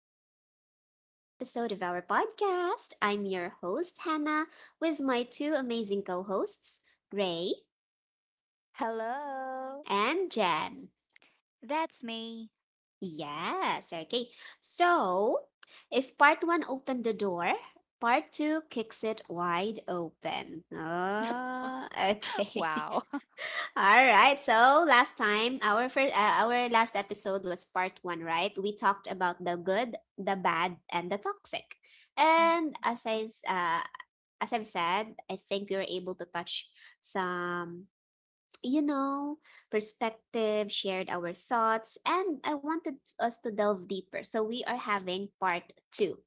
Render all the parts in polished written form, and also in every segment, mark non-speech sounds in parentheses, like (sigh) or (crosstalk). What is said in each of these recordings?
Welcome back to another episode of our podcast. I'm your host, Hannah, with my two amazing co hosts, Ray Hello. and Jem. That's me. Yes, okay. So, if part one opened the door, part two kicks it wide open. Ah, okay. Wow. (laughs) (laughs) All right. So last time, our last episode was part one, right? We talked about the good, the bad, and the toxic. And as I've said, I think we were able to touch some, you know, perspective, shared our thoughts, and I wanted us to delve deeper. So we are having part two.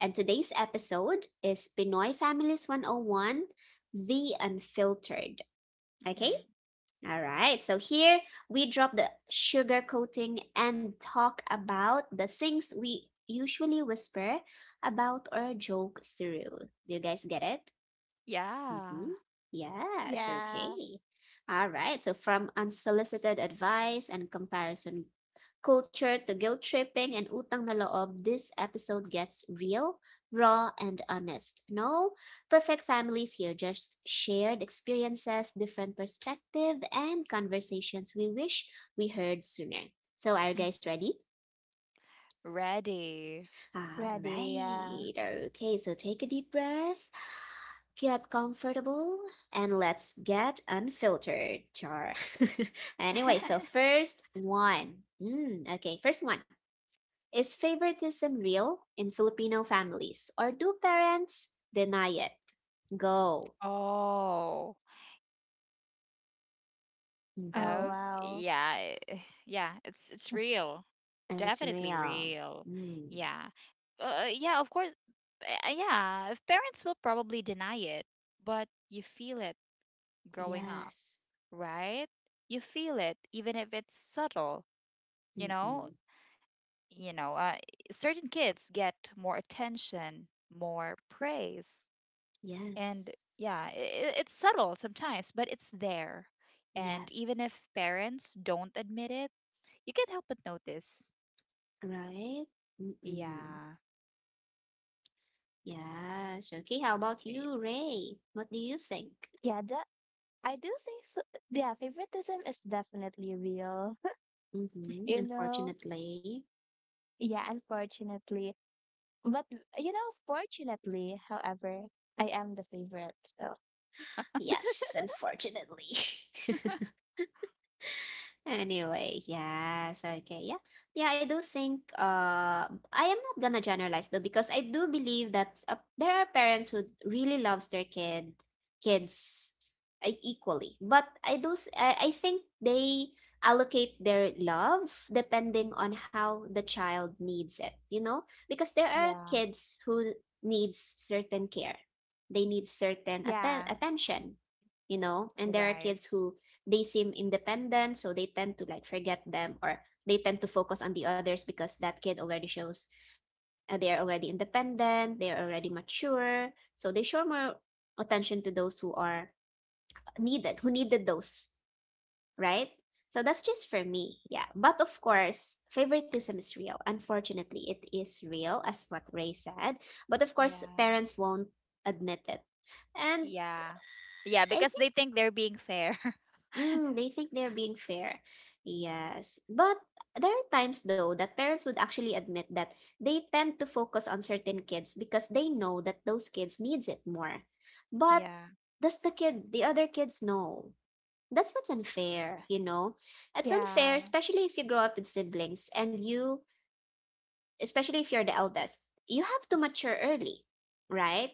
And today's episode is Pinoy Families 101, The Unfiltered. Okay, Mm-hmm. all right, so here we drop the sugar coating and talk about the things we usually whisper about or joke through. Do you guys get it? Yeah. Mm-hmm. Yes, Yeah, okay. All right. So from unsolicited advice and comparison culture to guilt tripping and utang na loob, this episode gets real, raw, and honest. No perfect families here, just shared experiences, different perspective, and conversations we wish we heard sooner. So are you Mm. guys ready? Ready. All ready. Yeah. right. Okay, so take a deep breath, get comfortable, and let's get unfiltered, Char. (laughs) Anyway, so first one. Mm, okay, first one. Is favoritism real in Filipino families, or do parents deny it? Go. Oh. Oh, Mm-hmm. Oh, wow. yeah. Yeah, it's real. It's Definitely real. real. Mm, Yeah. Yeah, of course. Yeah, if parents will probably deny it, but you feel it growing up, yes. right? You feel it even if it's subtle, you know? Mm-mm. you know, uh, Certain kids get more attention, more praise, and Yes. yeah, it's subtle sometimes, but it's there. And even Yes. if parents don't admit it, you can't help but notice. Right? Mm-mm. Yeah. Yes. Okay. How about y- you, Ray? What do you think? Yeah, that, I do think, yeah, favoritism is definitely real. (laughs) Mm-hmm. You know, Unfortunately. yeah, unfortunately. But, fortunately, however, I am the favorite. So, Yes, unfortunately. (laughs) Anyway, yes, okay, yeah. Yeah, I do think I am not gonna generalize though because I do believe that there are parents who really loves their kid mhm. kids equally. But I do s- I think they allocate their love depending on how the child needs it, you know? Because there are Yeah, kids who needs certain care. They need certain yeah, attention, you know? And you're there are right. kids who they seem independent, so they tend to like forget them, or they tend to focus on the others because that kid already shows they are already independent, they are already mature, so they show more attention to those who are needed who needed those, right? So that's just for me, yeah, but of course favoritism is real, unfortunately it is real as what Ray said, but of course Yeah. parents won't admit it. And Yeah. Yeah, I because think they think they're being fair. (laughs) Mm, they think they're being fair. Yes. But there are times, though, that parents would actually admit that they tend to focus on certain kids because they know that those kids needs it more. But Yeah. does the kid, the other kids know? That's what's unfair, you know? It's unfair, yeah, especially if you grow up with siblings, and you especially if you're the eldest, you have to mature early, right?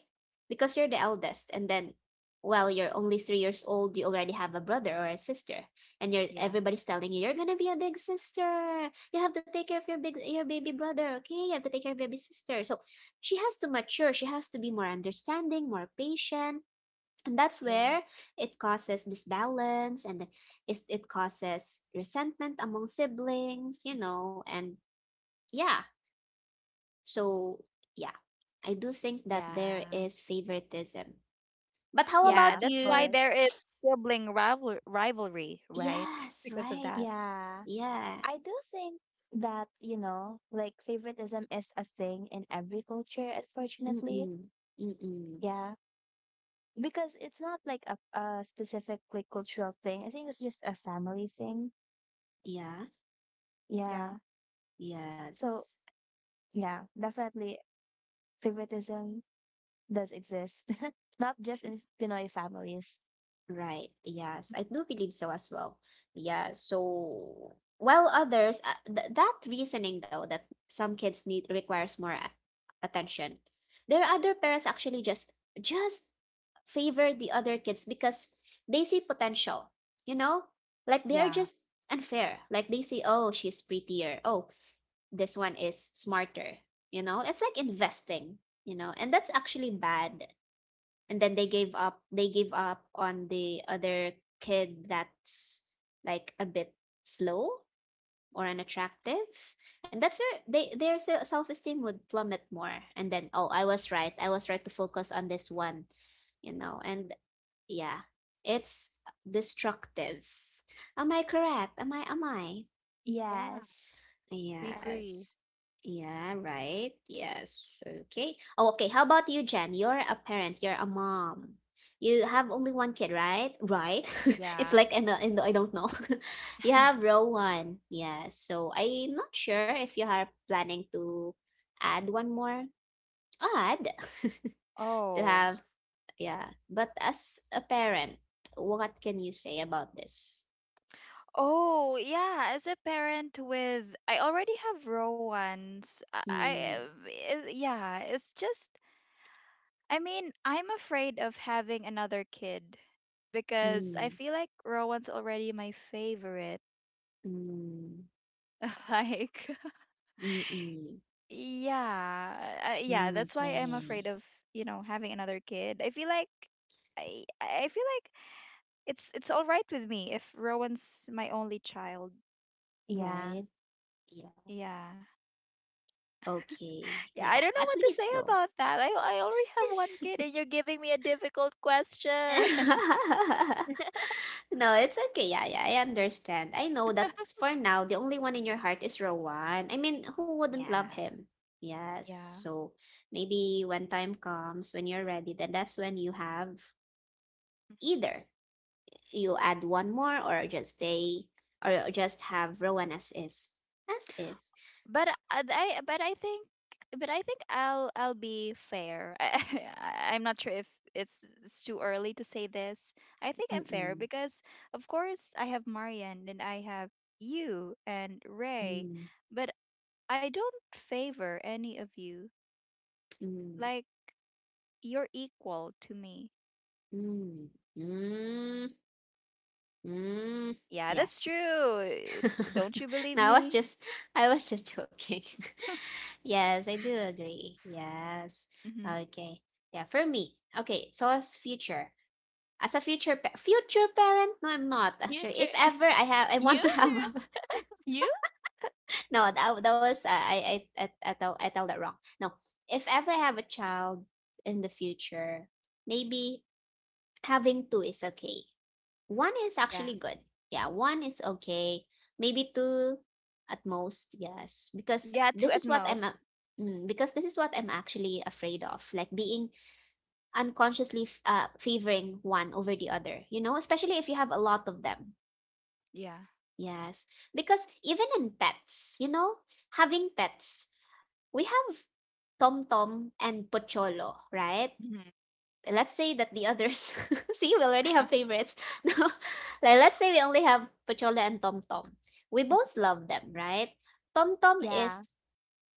Because you're the eldest, and then well, you're only 3 years old, you already have a brother or a sister, and you're Yeah. everybody's telling you you're gonna be a big sister. You have to take care of your big your baby brother, okay? You have to take care of your baby sister. So she has to mature, she has to be more understanding, more patient. And that's where Yeah. it causes disbalance, and it causes resentment among siblings, you know, and yeah, so, yeah, I do think that there Yeah. is favoritism. But how Yeah, yeah, about of that's why you? there course. is sibling rival rivalry, right? (laughs) Yes, Because of right. that. Yeah. Yeah. I do think that, you know, like favoritism is a thing in every culture, unfortunately. Mm-mm. Mm-mm. Yeah, because it's not like a specific like cultural thing. I think it's just a family thing. Yeah. Yeah. Yeah. So Yes. yeah, definitely favoritism does exist, (laughs) not just in Pinoy families. Right. Yes, I do believe so as well. Yeah. So, while others, th that reasoning though that some kids need requires more attention. There are other parents actually just favor the other kids because they see potential. You know, like they Yeah. are just unfair. Like they see, oh, she's prettier. Oh, this one is smarter. You know, it's like investing. You know, and that's actually bad, and then they give up on the other kid that's like a bit slow or unattractive. And that's where they their self-esteem would plummet more. And then, oh, I was right to focus on this one, you know, and yeah, it's destructive. Am I correct? Am I Yeah. Yes. We agree. Yes. Yeah, right. Yes. Okay. Oh, okay. How about you, Jen? You're a parent, you're a mom. You have only one kid, right? Right. (laughs) It's Yeah. like, and I don't know. (laughs) You have (laughs) row one. Yeah. So I'm not sure if you are planning to add one more. Add (laughs) to Oh, have, yeah. But as a parent, what can you say about this? oh, yeah. As a parent I already have row ones. Mm, Yeah, it's just, I mean, I'm afraid of having another kid because I mm, feel like row one's already my favorite. mm, (laughs) Like, mm, mm. yeah, yeah. That's why I'm afraid Okay. of, you know, having another kid. I feel like it's all right with me if Rowan's my only child. Yeah. Right. Yes. Yeah. Okay. Yeah, I Yeah. don't know At what to least say though. about that. I already have one kid (laughs) and you're giving me a difficult question. (laughs) No, it's okay. Yeah, yeah. I understand. I know that for now, the only one in your heart is Rowan. I mean, who (laughs) wouldn't yeah. love him? Yes. Yeah. So maybe when time comes, when you're ready, then that's when you have either you add one more, or just stay, or just have Rowan as is. As is. But I- but I think I'll be fair. (laughs) I'm not sure if it's too early to say this. I think I'm fair Mm-mm. because of course I have Marian and I have you and Ray, Mm, but I don't favor any of you. mm. Like you're equal to me. Mm, mm, mm. Yeah, that's Yes. true. Don't you (laughs) believe No, me? I was just joking. (laughs) Yes, I do agree. Yes. Hmm. Okay. Yeah, for me. Okay, so as future. As a future future parent? No, I'm not You, actually. tr- If ever I have, I you, want to have You're- a- you. (laughs) No, that, that was, I tell that wrong. No. If ever I have a child in the future, maybe having two is okay. One is Yeah. actually good. Yeah, one is okay. Maybe two at most, yes. Because Yeah, two this at is what I'm most. a- mm, because this is what I'm actually afraid of, like being unconsciously favoring one over the other, you know, especially if you have a lot of them. Yeah. Yes. Because even in pets, you know, having pets, we have Tom Tom and Pocholo, right? Mhm. Let's say that the others (laughs) see, we already have Mhm. favorites. (laughs) No, like let's say we only have Pachola and Tom Tom, we both love them, right? Tom Tom Yeah. is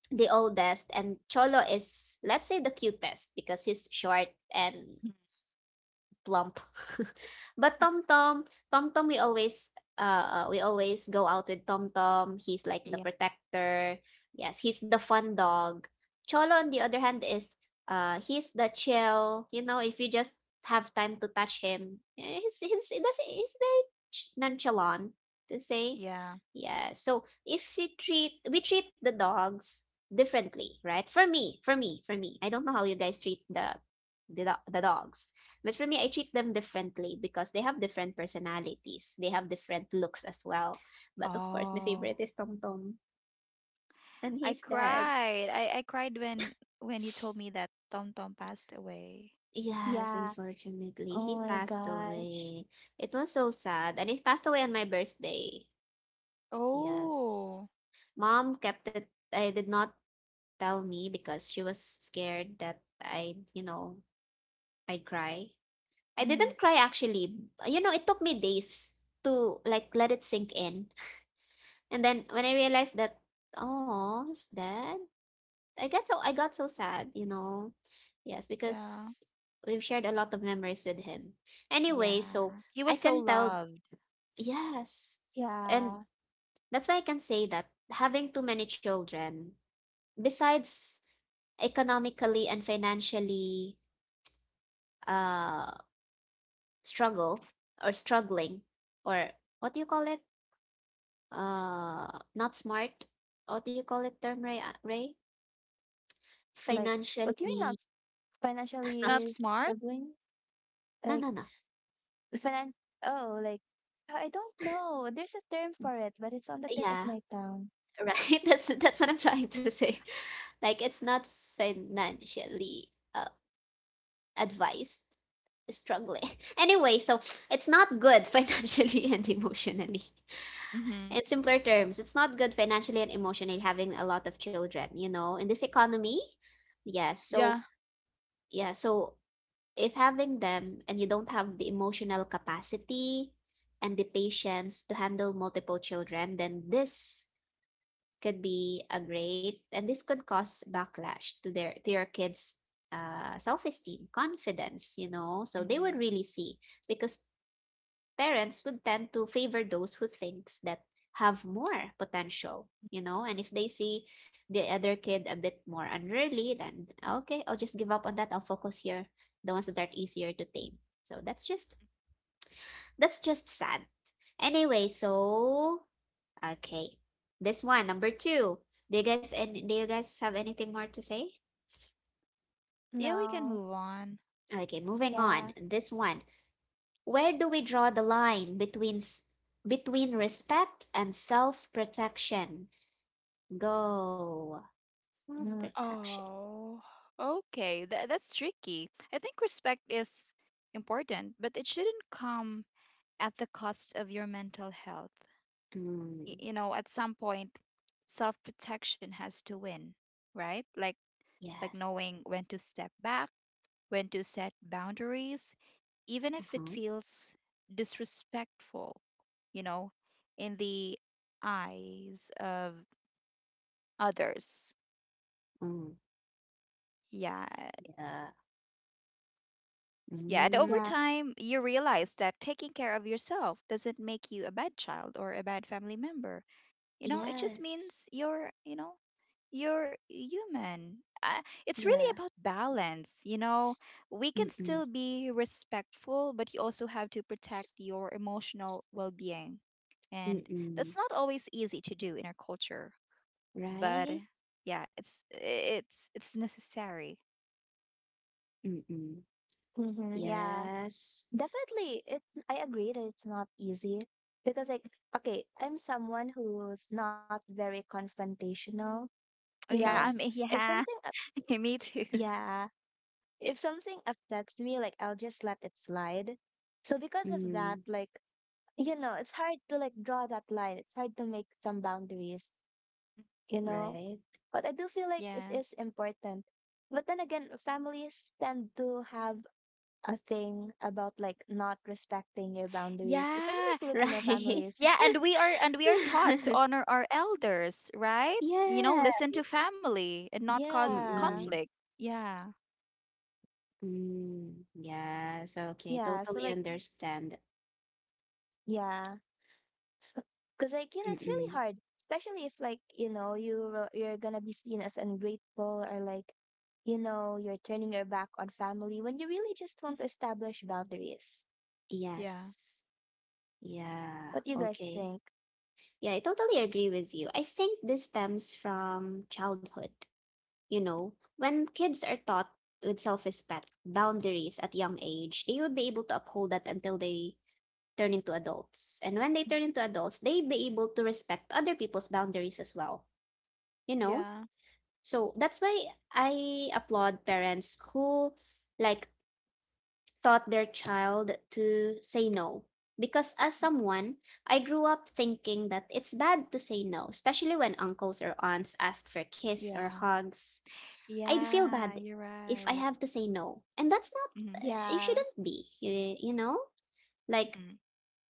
the oldest, and Cholo is, let's say, the cutest because he's short and (laughs) plump. (laughs) But Tom Tom, we always go out with Tom Tom. He's like the Yeah. protector. Yes, he's the fun dog. Cholo, on the other hand, is he's the chill. You know, if you just have time to touch him, eh, he's very nonchalant to say. Yeah. Yeah. So if we treat the dogs differently, right? For me. I don't know how you guys treat the, the dogs. But for me, I treat them differently because they have different personalities. They have different looks as well. But of course, my Oh, favorite is Tom Tom. And I he's dead. cried. I cried when you told me that Tom Tom passed away. Yes, Yeah. unfortunately, Oh he my passed gosh. away. It was so sad. And he passed away on my birthday. Yes. Oh. Mom kept it. I did not tell me because she was scared that I'd, you know, I'd cry. I Hmm. didn't cry actually. You know, it took me days to like let it sink in. And then when I realized that, oh, he's dead. I got so sad, you know. Yes, Yeah. because we've shared a lot of memories with him. Anyway, so Yeah. He I was so can tell, loved. yes. And Yeah. that's why I can say that having too many children, besides economically and financially uh struggle, or struggling, or what do you call it? Not smart. What do you call it term Ray? Like, what do you mean Financially not (laughs) not Not financially s smart? struggling? no, Like, no, no. Finan oh, like, I don't know. There's a term for it, but it's on the tip of Yeah, my tongue. (laughs) right. That's what I'm trying to say. Like it's not financially uh, advised strongly. (laughs) Anyway, so it's not good financially (laughs) and emotionally. Mm-hmm. In simpler terms, it's not good financially and emotionally having a lot of children, you know, in this economy. Yeah, so Yeah. yeah, so if having them and you don't have the emotional capacity and the patience to handle multiple children, then this could be a great and this could cause backlash to their to your kids self-esteem, confidence, you know, so they would Hmm. really see, because parents would tend to favor those who thinks that have more potential, you know. And if they see the other kid a bit more unruly, then okay, I'll just give up on that, I'll focus here, the ones that are easier to tame. So that's just, that's just sad. Anyway, so okay, this one, number two. Do you guys, and do you guys have anything more to say? Yeah, we can No. move on. Okay, moving on, Yeah. this one. Where do we draw the line between respect and self protection? Go. Self Mm, protection. Oh, okay. That that's tricky. I think respect is important, but it shouldn't come at the cost of your mental health. Mm, You know, at some point, self-protection has to win, right? Like yes. knowing when to step back, when to set boundaries, even if it Uh-huh. feels disrespectful, you know, in the eyes of others. Mm, Yeah, yeah. Yeah, and over Mm, Yeah. time, you realize that taking care of yourself doesn't make you a bad child or a bad family member. You know, it just yes. means you're, you know, you're human. It's really Yeah. about balance. You know, we can Mm-mm. still be respectful, but you also have to protect your emotional well being. And Mm-mm. that's not always easy to do in our culture, but Right? yeah, it's it's necessary. Mm-mm. Yeah. Yes. Definitely, I agree that it's not easy because, like, okay, I'm someone who's not very confrontational, you Oh, yeah, know? I'm Yes. If yeah, something, ups- (laughs) me too. yeah, if something affects me, like, I'll just let it slide. So because of that, Mm, like, you know, it's hard to like draw that line. It's hard to make some boundaries, you know? right. (laughs) But I do feel (laughs) like it Yes. is important. But then again, families tend to have a thing about like not respecting your boundaries, especially Yeah. Filipino Right. families. Yeah, and we are taught to (laughs) honor our elders, right? You know, Yeah. listen to family and not cause Yeah. Mm-mm. conflict. Yeah. Mm, yes, okay, Yeah. So totally like, understand. yeah. So, cause like, you know, it's really Mm-mm. hard, especially if like, you know, you're gonna be seen as ungrateful or like, you know, you're turning your back on family when you really just want to establish boundaries. Yeah. Yes. Yeah, What do you guys okay. think? Yeah, I totally agree with you. I think this stems from childhood, you know, when kids are taught with self-respect, boundaries at young age, they would be able to uphold that until they turn into adults. And when they turn into adults, they'd be able to respect other people's boundaries as well, you know? Yeah. So that's why I applaud parents who like taught their child to say no. Because as someone, I grew up thinking that it's bad to say no, especially when uncles or aunts ask for kiss or Yeah. hugs. I'd feel Yeah, bad you're if I right. have to say no. And that's Mm-hmm. not, it Yeah. shouldn't be, you know? Like, Mm-hmm.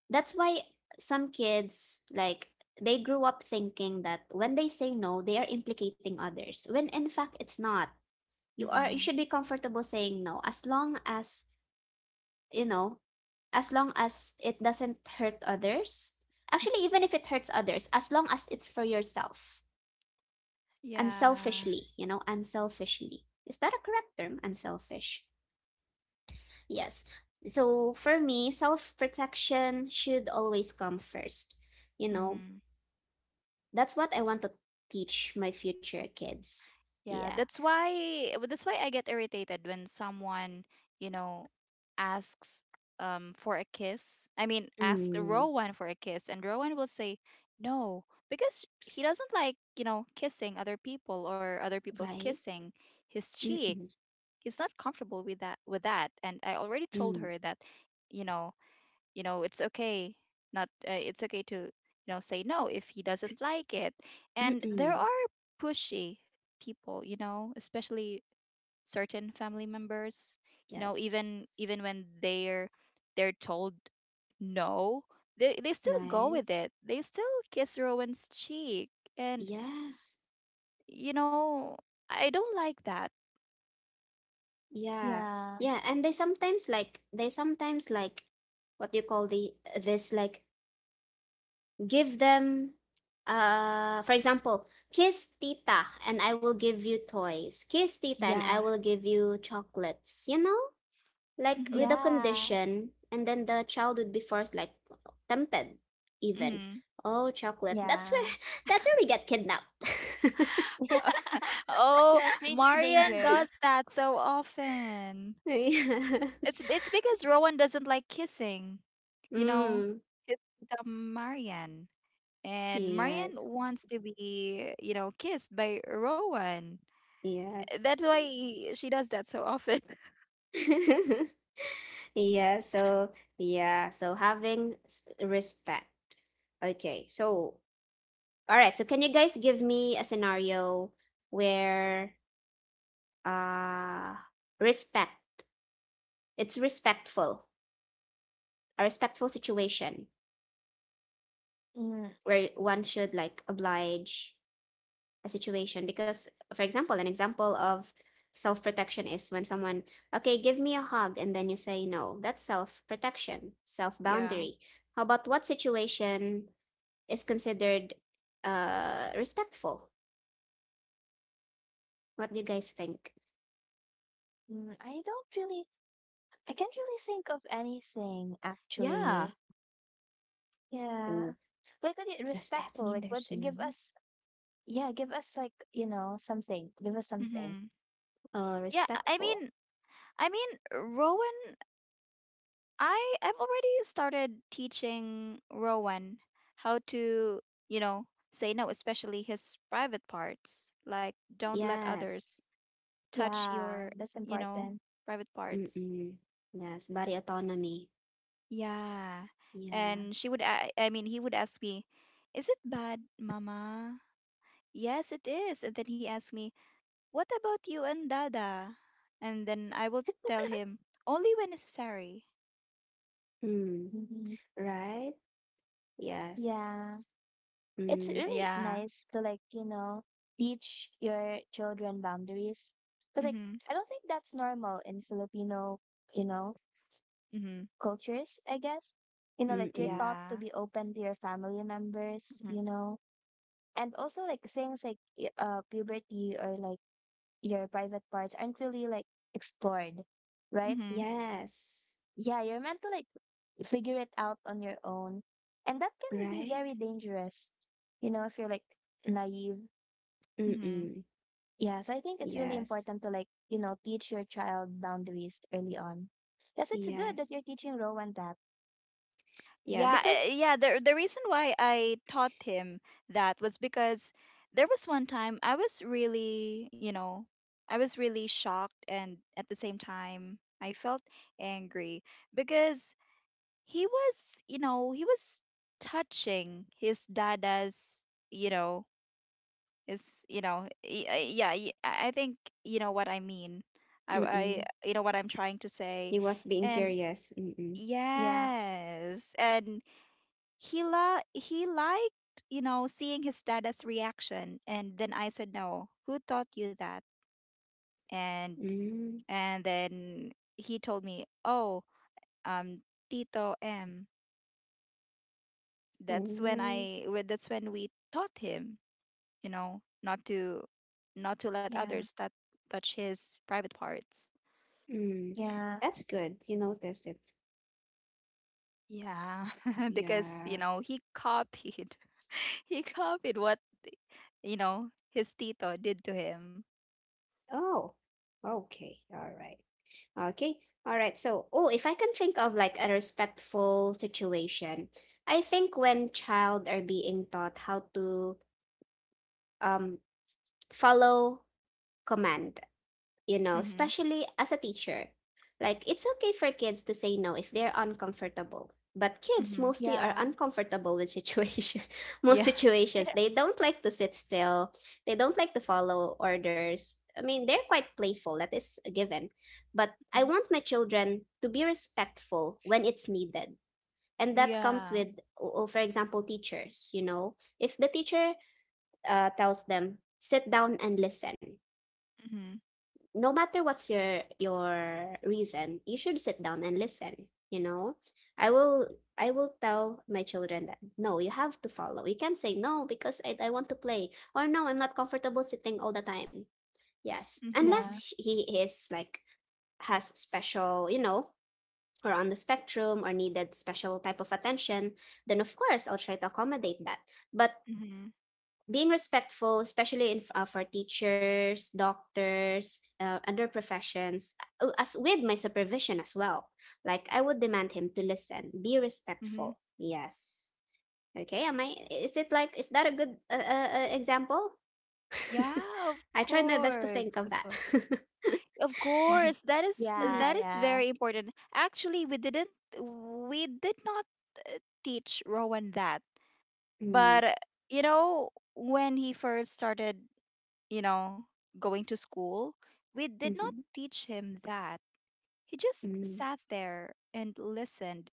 that's why some kids, like, they grew up thinking that when they say no, they are implicating others, when in fact it's not. You Mm-hmm. should be comfortable saying no as long as you know as long as it doesn't hurt others. Mm-hmm. Actually, even if it hurts others, as long as it's for yourself. Yeah. Unselfishly, you know, unselfishly. Is that a correct term? Unselfish. Yes. So for me, self protection should always come first. You know, Mm-hmm. that's what I want to teach my future kids. Yeah, Yeah. That's why I get irritated when someone, you know, asks for a kiss. I mean, asks Mm, Rowan for a kiss and Rowan will say no because he doesn't like, you know, kissing other people or other people right? kissing his cheek. Mm-mm, He's not comfortable with that and I already told mm, her that, you know, you know it's okay not it's okay to you know say no if he doesn't like it, and mm-mm. there are pushy people, you know, especially certain family members, you know, Yes. even when they're told no, they still go Right? with it, they still kiss Rowan's cheek, and Yes. you know I don't like that. Yeah. Yeah. Yeah, and they sometimes like what do you call the this like give them for example, kiss tita and I will give you toys. Kiss tita and I Yeah. will give you chocolates, you know? Like with a Hmm. Yeah. condition and then the child would be forced like tempted even. Hmm. Oh, chocolate. That's Yeah. where (laughs) that's where we get kidnapped. (laughs) (laughs) Yeah. Oh, Yes, major Marian danger. does that so often. Yes. It's because Rowan doesn't like kissing. You know, Mm. he's the Marian Yes. wants to be, you know, kissed by Rowan. Yes. That's why she does that so often. (laughs) (laughs) Yeah, so yeah, so having respect. Okay, so all right, so can you guys give me a scenario where uh respect, it's respectful, a respectful situation Mm, where one should like oblige a situation because for example an example of self protection is when someone okay give me a hug and then you say no that's self protection self Yeah. boundary. How about what situation is considered respectful? What do you guys think? I don't really, I can't really think of anything Yeah. actually. Oh, Yeah. Like does that respectful, mean like what there's no? give us, yeah, give us like, you know, something. Give us something. Hmm. Yeah. I Respectful. mean, I mean, Rowan. I've already started teaching Rowan how to, you know, say no, especially his private parts. Like, don't let Yes. others touch Yeah, your, that's you know, important. private parts. Mm-mm. Yes, body autonomy. Yeah. Yeah. And she would, I mean, he would ask me, is it bad, mama? Yes, it is. And then he asked me, what about you and dada? And then I will tell him, only when necessary. Mm. hmm Right. Yeah. Yes. It's Mm. really Yeah. nice to like, you know, teach your children boundaries. Mm Because like hmm. I don't think that's normal in Filipino, you know, Mm hmm. cultures, I guess. You know, like you're Mm-mm. taught to Yeah. be open to your family members, Mm you know, and also like things like puberty or like your private parts aren't really like explored, right? hmm. Yes, Yeah, you're meant to like figure it out on your own. And that can be very right? dangerous, you know, if you're like naive. Mm hmm. Mm-mm. Yeah, so I think it's really Yes. important to like, you know, teach your child boundaries early on. Yes, it's good that Yes. you're teaching Rowan that. Yeah, Yeah, because yeah. The reason why I taught him that was because there was one time I was really, you know, I was really shocked and at the same time I felt angry because he was, you know, he was touching his dada's, you know, his, I think you know what I mean. Mm-mm. You know what I'm trying to say, He was being and curious. Mm-mm. Yeah, yes, and he liked you know seeing his dad's reaction, and then I said no, who taught you that? and Mm. and then he told me, oh, um tito M. That's when Oh. That's when we taught him, you know, not to let yeah, others touch his private parts. Mm. yeah, That's good. You noticed it. Yeah. (laughs) Because, you Yeah. know, he copied (laughs) he copied what, you know, his tito did to him. Oh. Okay. All right. Okay. All right. So, oh, if I can think of like a respectful situation, I think when child are being taught how to um follow command, you know, Mm-hmm, especially as a teacher. Like, it's okay for kids to say no if they're uncomfortable. But kids mm-hmm. mostly are yeah. uncomfortable with situation (laughs) most Yeah. situations. Yeah. They don't like to sit still. They don't like to follow orders. I mean, they're quite playful, that is a given. But I want my children to be respectful when it's needed. And that comes Yeah. with, for example, teachers, you know. If the teacher tells them, sit down and listen, Mhm. no matter what's your reason you should sit down and listen, you know. I will i will tell my children that no, you have to follow, you can't say no because I want to play, or no, I'm not comfortable sitting all the time. Yes, Mhm. Yeah. unless he is like has special, you know, or on the spectrum or needed special type of attention, then of course I'll try to accommodate that. But Mhm. being respectful, especially in for teachers, doctors, other professions, as with my supervision as well. Like I would demand him to listen, be Mhm. respectful. Yes. Okay. Am I? Is it like? Is that a good example? (laughs) Yeah, of I tried my best to think course. of Of that. course. Of (laughs) course. (laughs) Mm. Yeah, That is yeah, very important. Actually, we didn't we did not uh, teach Rowan that. But you know, when he first started, you know, going to school, we did not Mm-hmm. teach him that. He just Mm. sat there and listened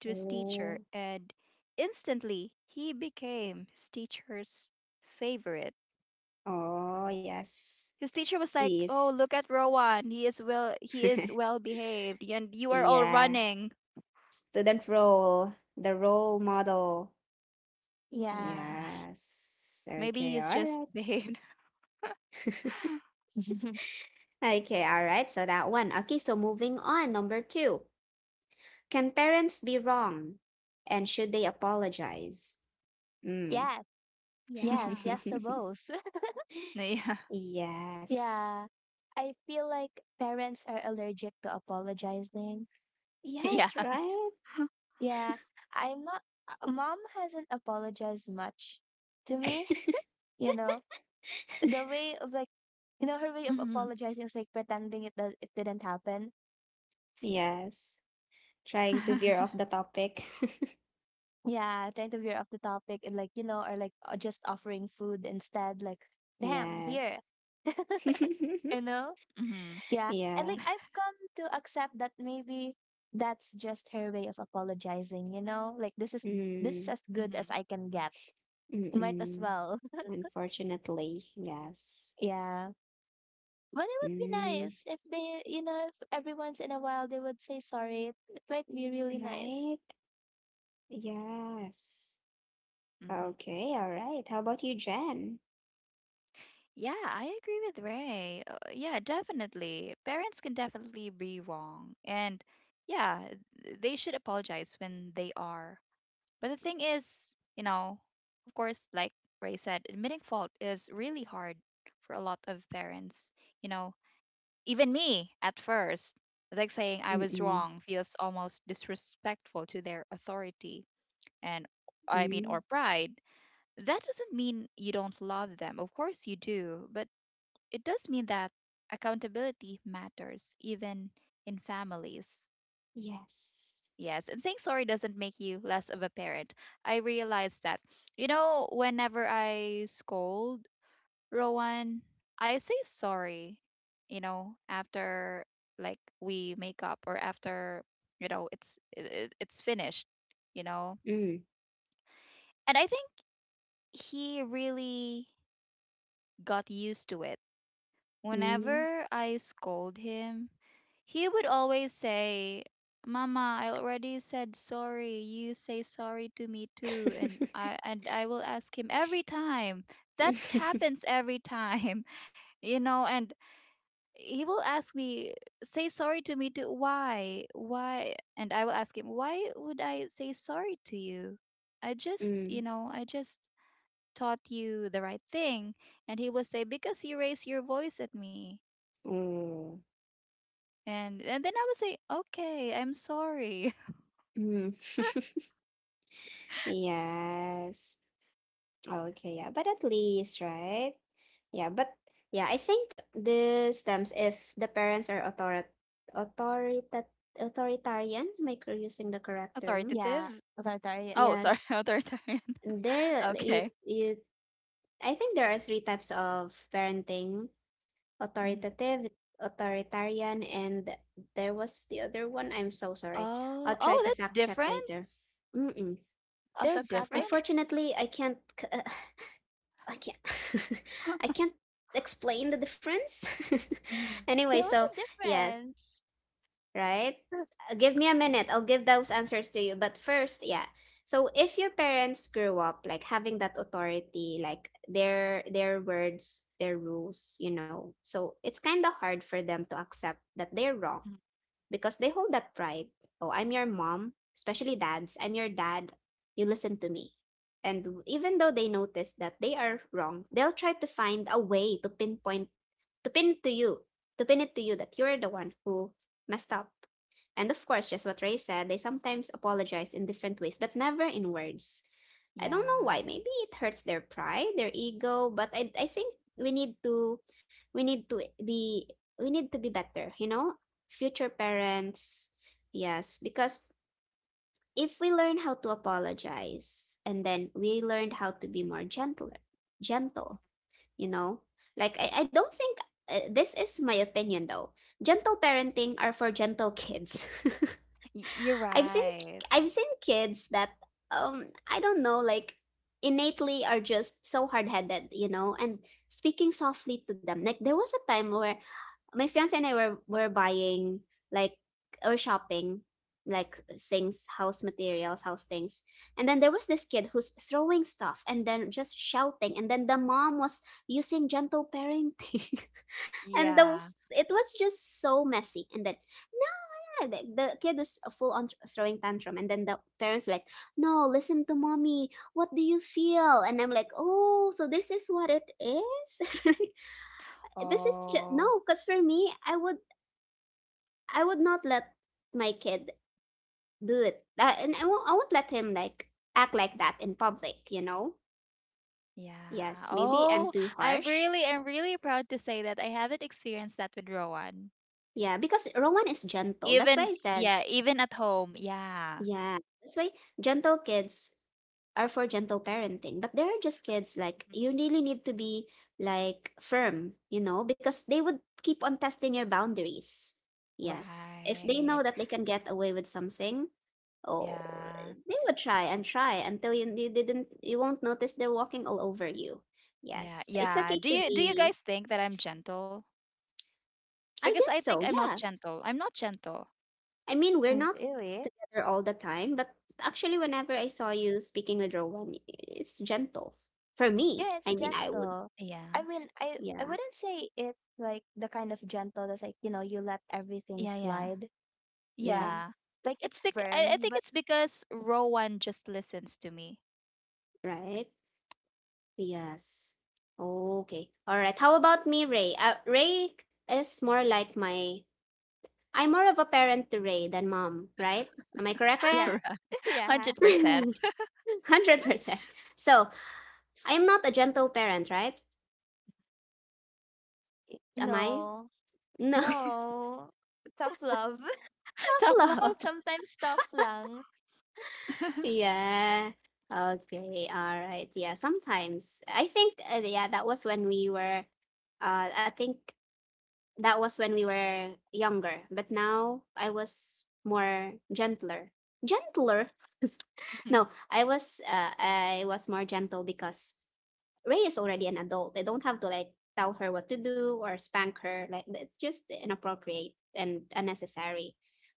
to his Oh. teacher, and instantly he became his teacher's favorite. Oh yes. His teacher was like, He "Oh, is. look at Rowan. He is well. He is (laughs) well behaved, and you are all Yeah. running." Student role, the role model. Yeah, yeah. Yes. maybe Okay, all he's just right. behaved. (laughs) (laughs) (laughs) Okay, all right. So that one. Okay, so moving on. Number two. Can parents be wrong? And should they apologize? Mm. Yes, yes, Yeah. yes to (laughs) both. (laughs) Yeah. (laughs) Yes. Yeah. I feel like parents are allergic to apologizing. Yeah. Yes, right? Yeah. I'm not, mom hasn't apologized much to me, (laughs) (laughs) you know. The way of like, Mhm. you know, her way of apologizing is like pretending it didn't happen. Yes. (laughs) Trying to veer off the topic. Yeah, trying to veer off the topic and like, you know, or like just offering food instead, like, (laughs) damn, Yes. here, (laughs) (laughs) you know? Mhm. Yeah. And Yeah. like I've come to accept that maybe that's just her way of apologizing, you know? Like this is Mhm. Mm. as Mhm. good as I can get. Might as Mm-mm. well. (laughs) Unfortunately, yes. Yeah. But it would be Mm, nice if they, you know, if every once in a while they would say sorry. It might be really nice. right? Yes. (laughs) Okay, all right. How about you, Jen? Yeah, I agree with Ray. Yeah, definitely. Parents can definitely be wrong. And yeah, they should apologize when they are. But the thing is, you know, of course, like Ray said, admitting fault is really hard for a lot of parents. You know, even me at first, like saying I was Mm-mm. wrong feels almost disrespectful to their authority and I mean, or Mm. pride. That doesn't mean you don't love them. Of course you do, but it does mean that accountability matters even in families. Yes. Yes, and saying sorry doesn't make you less of a parent. I realize that. You know, whenever I scold Rowan, I say sorry, you know, after like we make up or after, you know, it's finished, you know. Mm. And I think he really got used to it. Mm. Whenever I scold him, he would always say, mama, I already said sorry. You say sorry to me too. And I (laughs) and I will ask him every time. That happens every time. (laughs) You know, and he will ask me, say sorry to me too. Why? Why? And I will ask him, why would I say sorry to you? I just, you Mm. know, I just taught you the right thing. And he would say, because you raised your voice at me. Oh. And then I would say, okay, I'm sorry. Mm. (laughs) Yes. Okay, yeah. But at least, right? Yeah, but yeah, I think this stems if the parents are authorita authoritarian, am I using the correct term? Authoritative? Yeah. Authoritarian. Oh, sorry, Yes. (laughs) authoritarian. (laughs) There you Okay. you I think there are three types of parenting: Hmm. authoritative, authoritarian, and there was the other one. I'm so sorry. I'll Oh, try oh, to that's fact check different. later. Mm-mm. They're different. Autocratic. (laughs) Unfortunately, I can't. (sighs) I can't. (laughs) I (laughs) can't explain the difference. (laughs) Hmm. Anyway, Yeah, what's so the yes, difference? right? (laughs) Give me a minute. I'll give those answers to you. But first, yeah. So if your parents grew up like having that authority, like their words, their rules, you know. So it's kind of hard for them to accept that they're wrong because they hold that pride. Oh, I'm your mom, especially dads. I'm your dad. You listen to me. And even though they notice that they are wrong, they'll try to find a way to pinpoint, to pin it to you, to pin it to you that you're the one who messed up. And of course, just what Ray said, they sometimes apologize in different ways, but never in words. I don't know why. Yeah. Maybe it hurts their pride, their ego, but I think we need to be we need to be better, you know? Future parents. Yes, because if we learn how to apologize and then we learned how to be more gentle, you know, like I don't think this is my opinion though. Gentle parenting are for gentle kids. You're (laughs) I've seen right. I've seen kids that I don't know like innately are just so hard-headed, you know, and speaking softly to them. Like there was a time where my fiance and I were buying like or shopping like things, house materials, house things. And then there was this kid who's throwing stuff and then just shouting and then the mom was using gentle parenting. (laughs) And those Yeah. it was just so messy. And then no, the kid was full on throwing tantrum and then the parents like, "No, listen to mommy. What do you feel?" And I'm like, "Oh, so this is what it is?" (laughs) This is just no Oh, because for me I would not let my kid do it. And I won't let him like act like that in public, you know? yeah. Yes, maybe I'm Oh, too harsh. I'm really proud to say that I haven't experienced that with Rowan. Yeah, because Rowan is gentle. That's why I Even, said, yeah, even at home. Yeah. yeah, that's why gentle kids are for gentle parenting. But there are just kids like Mhm. you really need to be like firm, you know, because they would keep on testing your boundaries. Yes. If they Right. know that they can get away with something, oh, Yeah. they would try and try until you won't notice they're walking all over you. Yeah. Yes, it's Yeah. okay Do to you be. guys think that I'm gentle? I Because I guess think so. I'm not Yes. gentle. I'm not gentle. I mean, we're Mm, not really? together all the time, but actually, whenever I saw you speaking with Rowan, it's gentle for me. Yeah, it's I mean, I would. gentle. I Yeah. mean, I Yeah. wouldn't say it's like the kind of gentle that's like, you know, you let everything Yeah, yeah. slide. Yeah. Yeah. Yeah. Like it's I firm, think but it's because Rowan just listens to me. (laughs) Right. Yes. Okay. All right. How about me, Ray? Ray is more like my. I'm more of a parent to Ray than mom, right? Am I correct, Ray? yeah. Right. (laughs) yeah. (laughs) 100%. 100%. So, I am not a gentle parent, right? Am I? No. No, (laughs) No. Tough love. (laughs) (laughs) tough Top love. love. Sometimes tough lang. (laughs) Yeah. Okay. All right. Yeah. Sometimes I think, yeah, that was when we were, I think that was when we were younger, but now I was more gentler. Gentler? No, Mhm. I was more gentle because Ray is already an adult. They don't have to like tell her what to do or spank her. Like it's just inappropriate and unnecessary.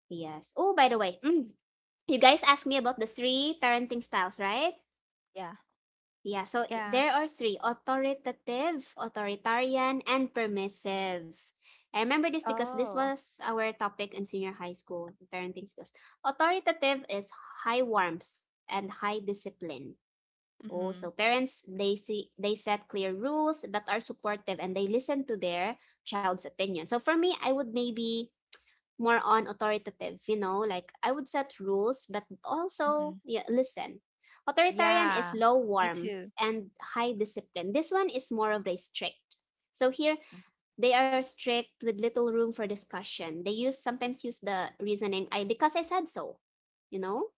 Yes. Oh, by the way, mm, you guys asked me about the three parenting styles, right? Yeah. Yeah, so Yeah. there are three: authoritative, authoritarian, and permissive. I remember this because this Oh. was our topic in senior high school parenting skills. Authoritative is high warmth and high discipline. Oh, Mm-hmm. so parents they see they set clear rules but are supportive and they listen to their child's opinion. So for me, I would maybe more on authoritative, you know, like I would set rules but Mm-hmm. also yeah, listen. Authoritarian is Yeah. low Me warmth too. and high discipline. This one is more of a strict. So here Mhm. they are strict with little room for discussion. They use sometimes use the reasoning I because I said so, you know?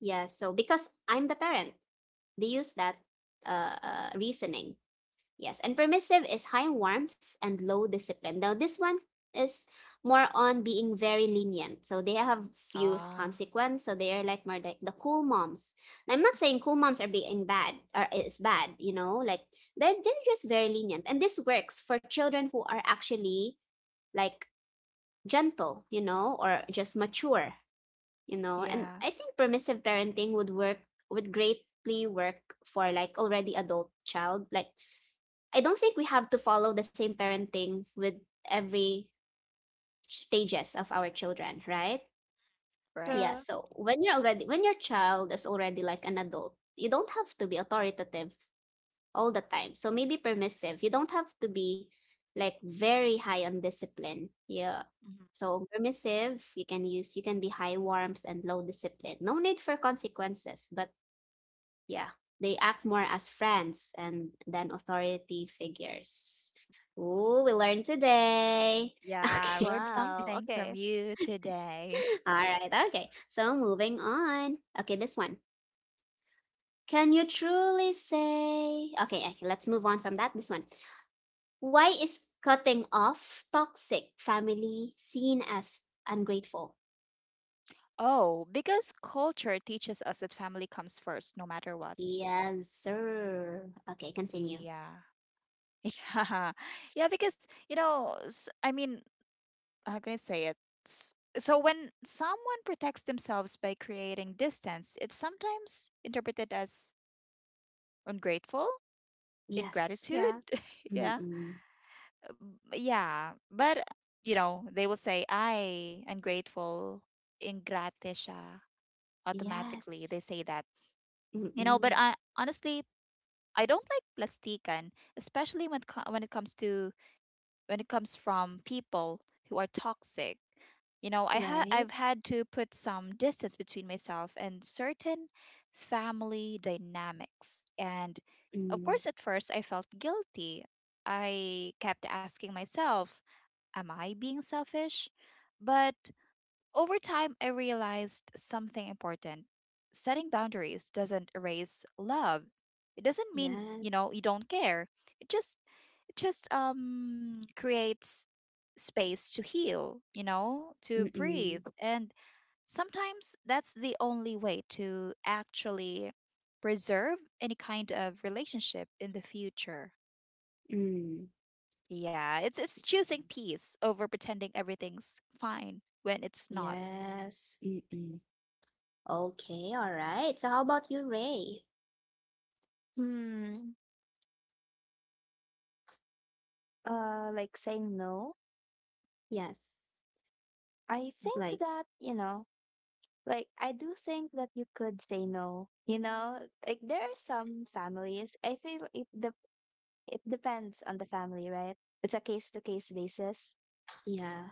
Yeah, so because I'm the parent they use that reasoning. Yes, and permissive is high warmth and low discipline. Now this one is more on being very lenient. So they have few Ah. consequence. So they are like more like the cool moms. Now, I'm not saying cool moms are being bad or is bad. You know, like they're just very lenient, and this works for children who are actually like gentle, you know, or just mature you know. And Yeah. I think permissive parenting would work would greatly work for like already adult child. Like, I don't think we have to follow the same parenting with every stages of our children, right? Right. Yeah, Yeah. so when you're already when your child is already like an adult, you don't have to be authoritative all the time. So maybe permissive, you don't have to be like very high on discipline, yeah. Hmm. So permissive, you can use you can be high warmth and low discipline. No need for consequences, but yeah, they act more as friends and than authority figures. Ooh, we learned today. (laughs) Yeah. I Okay. learned Wow. something from Okay. you today. All right. Okay. So moving on. Okay, this one. Can you truly say okay, okay, let's move on from that. This one. Why is cutting off toxic family seen as ungrateful? Oh, because culture teaches us that family comes first, no matter what. Yes, sir. Okay, continue. Yeah. Yeah, (laughs) yeah, because you know, I mean, how can I say it? S- So when someone protects themselves by creating distance, it's sometimes interpreted as ungrateful, ingratitude. Yes. Yeah. (laughs) Yeah, Mm-mm. yeah, but you know, they will say, "I ungrateful, ingrate siya," automatically. Yes. They say that, you know. But Mm-mm. I honestly, I don't like plastikan, especially when when it comes to when it comes from people who are toxic. You know, Right? I've had to put some distance between myself and certain family dynamics. And of Mm. course, at first, I felt guilty. I kept asking myself, am I being selfish? But over time, I realized something important. Setting boundaries doesn't erase love. It doesn't mean, you know, you Yes. don't care. It just it just creates space to heal, you know, to breathe. Mm-mm. And sometimes that's the only way to actually preserve any kind of relationship in the future. Mm. Yeah, it's choosing peace over pretending everything's fine when it's not. Yes. Mm-mm. Okay, all right. So how about you, Ray? Hmm. Like saying no. Yes. I think Like, that, you know, like I do think that you could say no. You know, like there are some families. I feel it de- it depends on the family, right? It's a case to case basis. yeah.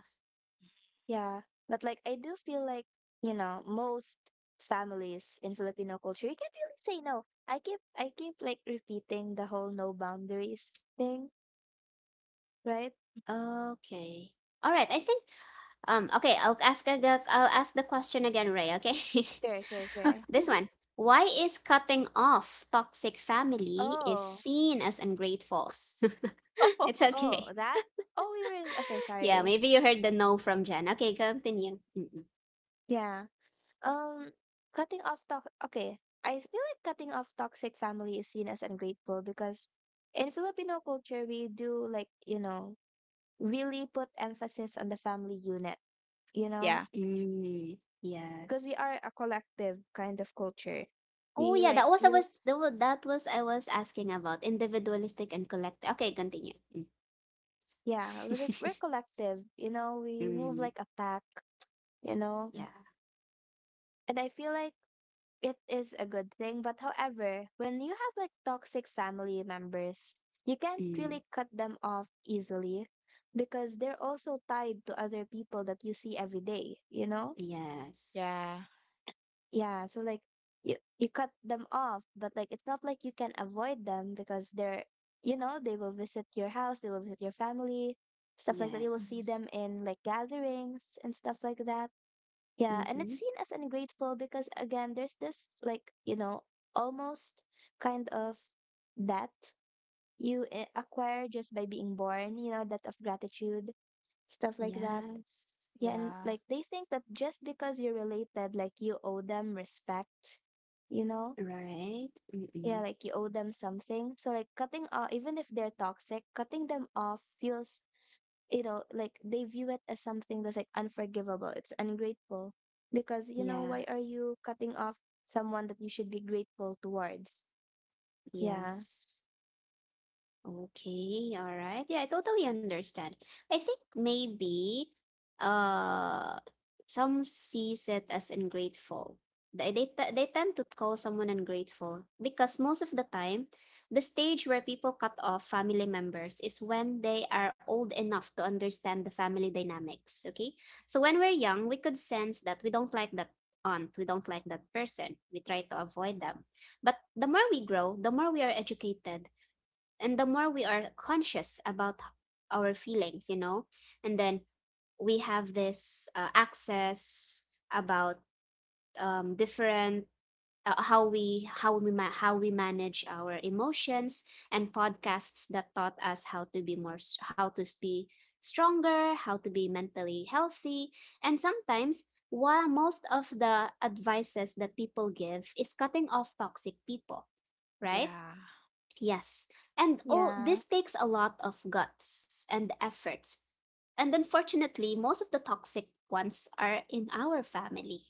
Yeah, but like I do feel like, you know, most families in Filipino culture, you can't really say no. I keep like repeating the whole no boundaries thing, right? Okay. All right. I think okay, I'll ask the question again, Ray, okay? (laughs) Sure. This one. Why is cutting off toxic family is Oh, seen as ungrateful? (laughs) It's (laughs) okay. oh, that. Oh, we were okay, Yeah, sorry. maybe you heard the no from Jen. Okay, continue. Mm-mm. Yeah. Um, cutting off talk. Okay. I feel like cutting off toxic family is seen as ungrateful because in Filipino culture, we do like, you know, really put emphasis on the family unit, you know? Yeah. Mm, Because we yes. are a collective kind of culture. Oh We yeah, like that was I we l- was that was, that was I was asking about individualistic and collective. Okay, continue. Mm. yeah, we're (laughs) collective, you know, we move Mm, like a pack, you know. Mhm. yeah. And I feel like it is a good thing, but however, when you have like toxic family members, you can't Mm, really cut them off easily because they're also tied to other people that you see every day, you know? yes. Yeah. Yeah, so like you cut them off, but like it's not like you can avoid them because they're you know, they will visit your house, they will visit your family, stuff like that. You will Mhm. see Yes. them in like gatherings and stuff like that. Yeah, and it's Mm-hmm. seen as ungrateful because again, there's this like, you know, almost kind of debt you acquire just by being born, you know, debt of gratitude, stuff like that. Yes. Yeah, and Yeah. like they think that just because you're related, like you owe them respect, you know? Right. Yeah, Mm-mm. like you owe them something. So like cutting off, even if they're toxic, cutting them off feels, you know, like they view it as something that's like unforgivable. It's ungrateful because you know why Yeah. are you cutting off someone that you should be grateful towards? Yeah, Yes. Okay, all right. Yeah, I totally understand. I think maybe uh some sees it as ungrateful. They tend to call someone ungrateful because most of the time, the stage where people cut off family members is when they are old enough to understand the family dynamics, okay? So when we're young, we could sense that we don't like that aunt, we don't like that person. We try to avoid them. But the more we grow, the more we are educated and the more we are conscious about our feelings, you know, and then we have this access about different uh, how we manage our emotions and podcasts that taught us how to be more how to be stronger, how to be mentally healthy. And sometimes while most of the advices that people give is cutting off toxic people, right? Yeah. Yes. And all yeah, this takes a lot of guts and efforts. And unfortunately, most of the toxic ones are in our family.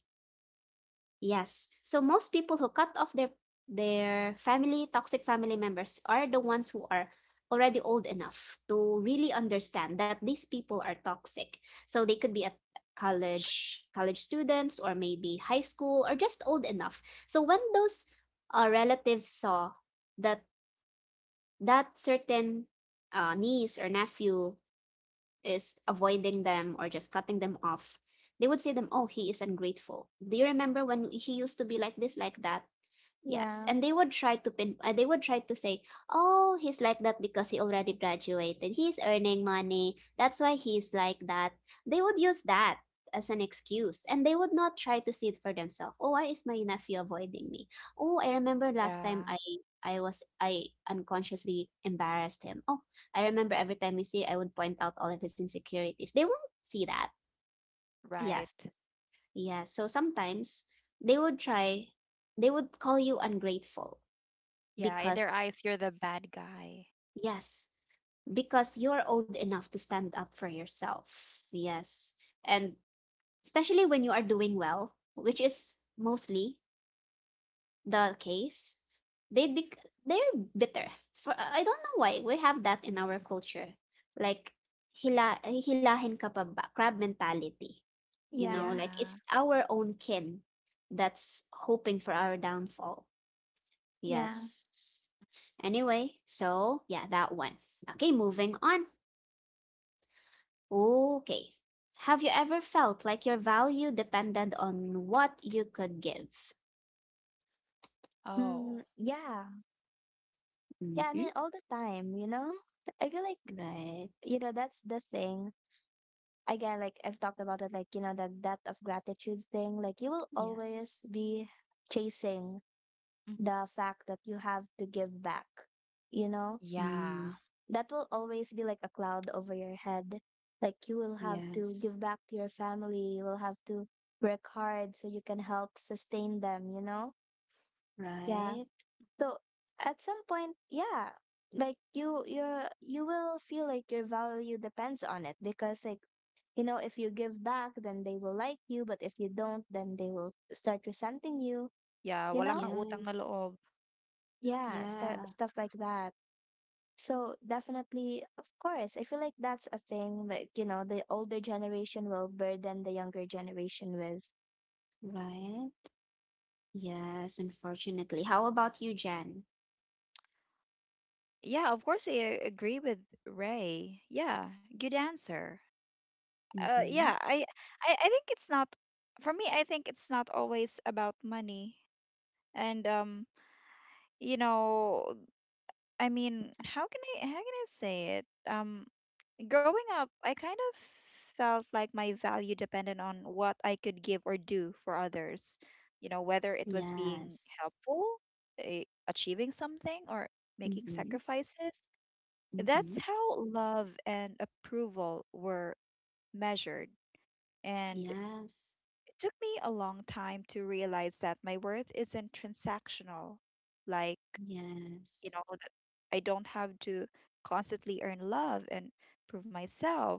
Yes. So most people who cut off their family, toxic family members are the ones who are already old enough to really understand that these people are toxic. So they could be at college students or maybe high school or just old enough. So when those relatives saw that that certain niece or nephew is avoiding them or just cutting them off, they would say them, "Oh, he is ungrateful. Do you remember when he used to be like this, like that?" Yes, yeah, and they would try to pin they would try to say, "Oh, he's like that because he already graduated. He's earning money. That's why he's like that." They would use that as an excuse, and they would not try to see it for themselves. Oh, why is my nephew avoiding me? Oh, I remember last Yeah. time I unconsciously embarrassed him. Oh, I remember every time you see I would point out all of his insecurities. They won't see that. Right. Yes. Yeah, so sometimes they would try they would call you ungrateful Yeah. In their because, eyes, you're the bad guy. yes, because you're old enough to stand up for yourself. Yes. And especially when you are doing well, which is mostly the case, they be they're bitter. For I don't know why we have that in our culture. Like hila hilahin ka pa ba? Crab mentality. You know, yeah, like Yeah. it's our own kin that's hoping for our downfall. yeah. Yes. Anyway, so yeah, that one. Okay, moving on. Okay. Have you ever felt like your value depended on what you could give? Oh. Mm, yeah, yeah. I Mm-hmm. mean, all the time, you know. (laughs) I feel like Right. you know that's the thing again like I've talked about it like you know the debt of gratitude thing like you will Yes. always be chasing Mm. the fact that you have to give back you know Yeah. Mm, that will always be like a cloud over your head like you will have to yes. give back to your family you will have to work hard so you can help sustain them you know yeah. Right. So at some point, yeah, like you will feel like your value depends on it because like you know, if you give back then they will like you, but if you don't then they will start resenting you, Yeah, you wala know? kang utang na Yes. loob. Yeah, start Yeah. stuff like that. So definitely, of course, I feel like that's a thing like, you know, the older generation will burden the younger generation with. Right. Yes, unfortunately. How about you, Jen? Yeah, of course I agree with Ray. Yeah, good answer. Uh Mm-hmm. yeah, I I, I think it's not for me, I think it's not always about money. And you know, I mean, how can I, how can I say it? Growing up, I kind of felt like my value depended on what I could give or do for others. You know, whether it was being Yes. helpful, eh, achieving something, or making Mm-hmm. sacrifices. That's Mm-hmm. how love and approval were measured. And it Yes. took me a long time to realize that my worth isn't transactional. Like, you Yes. know, that I don't have to constantly earn love and prove myself.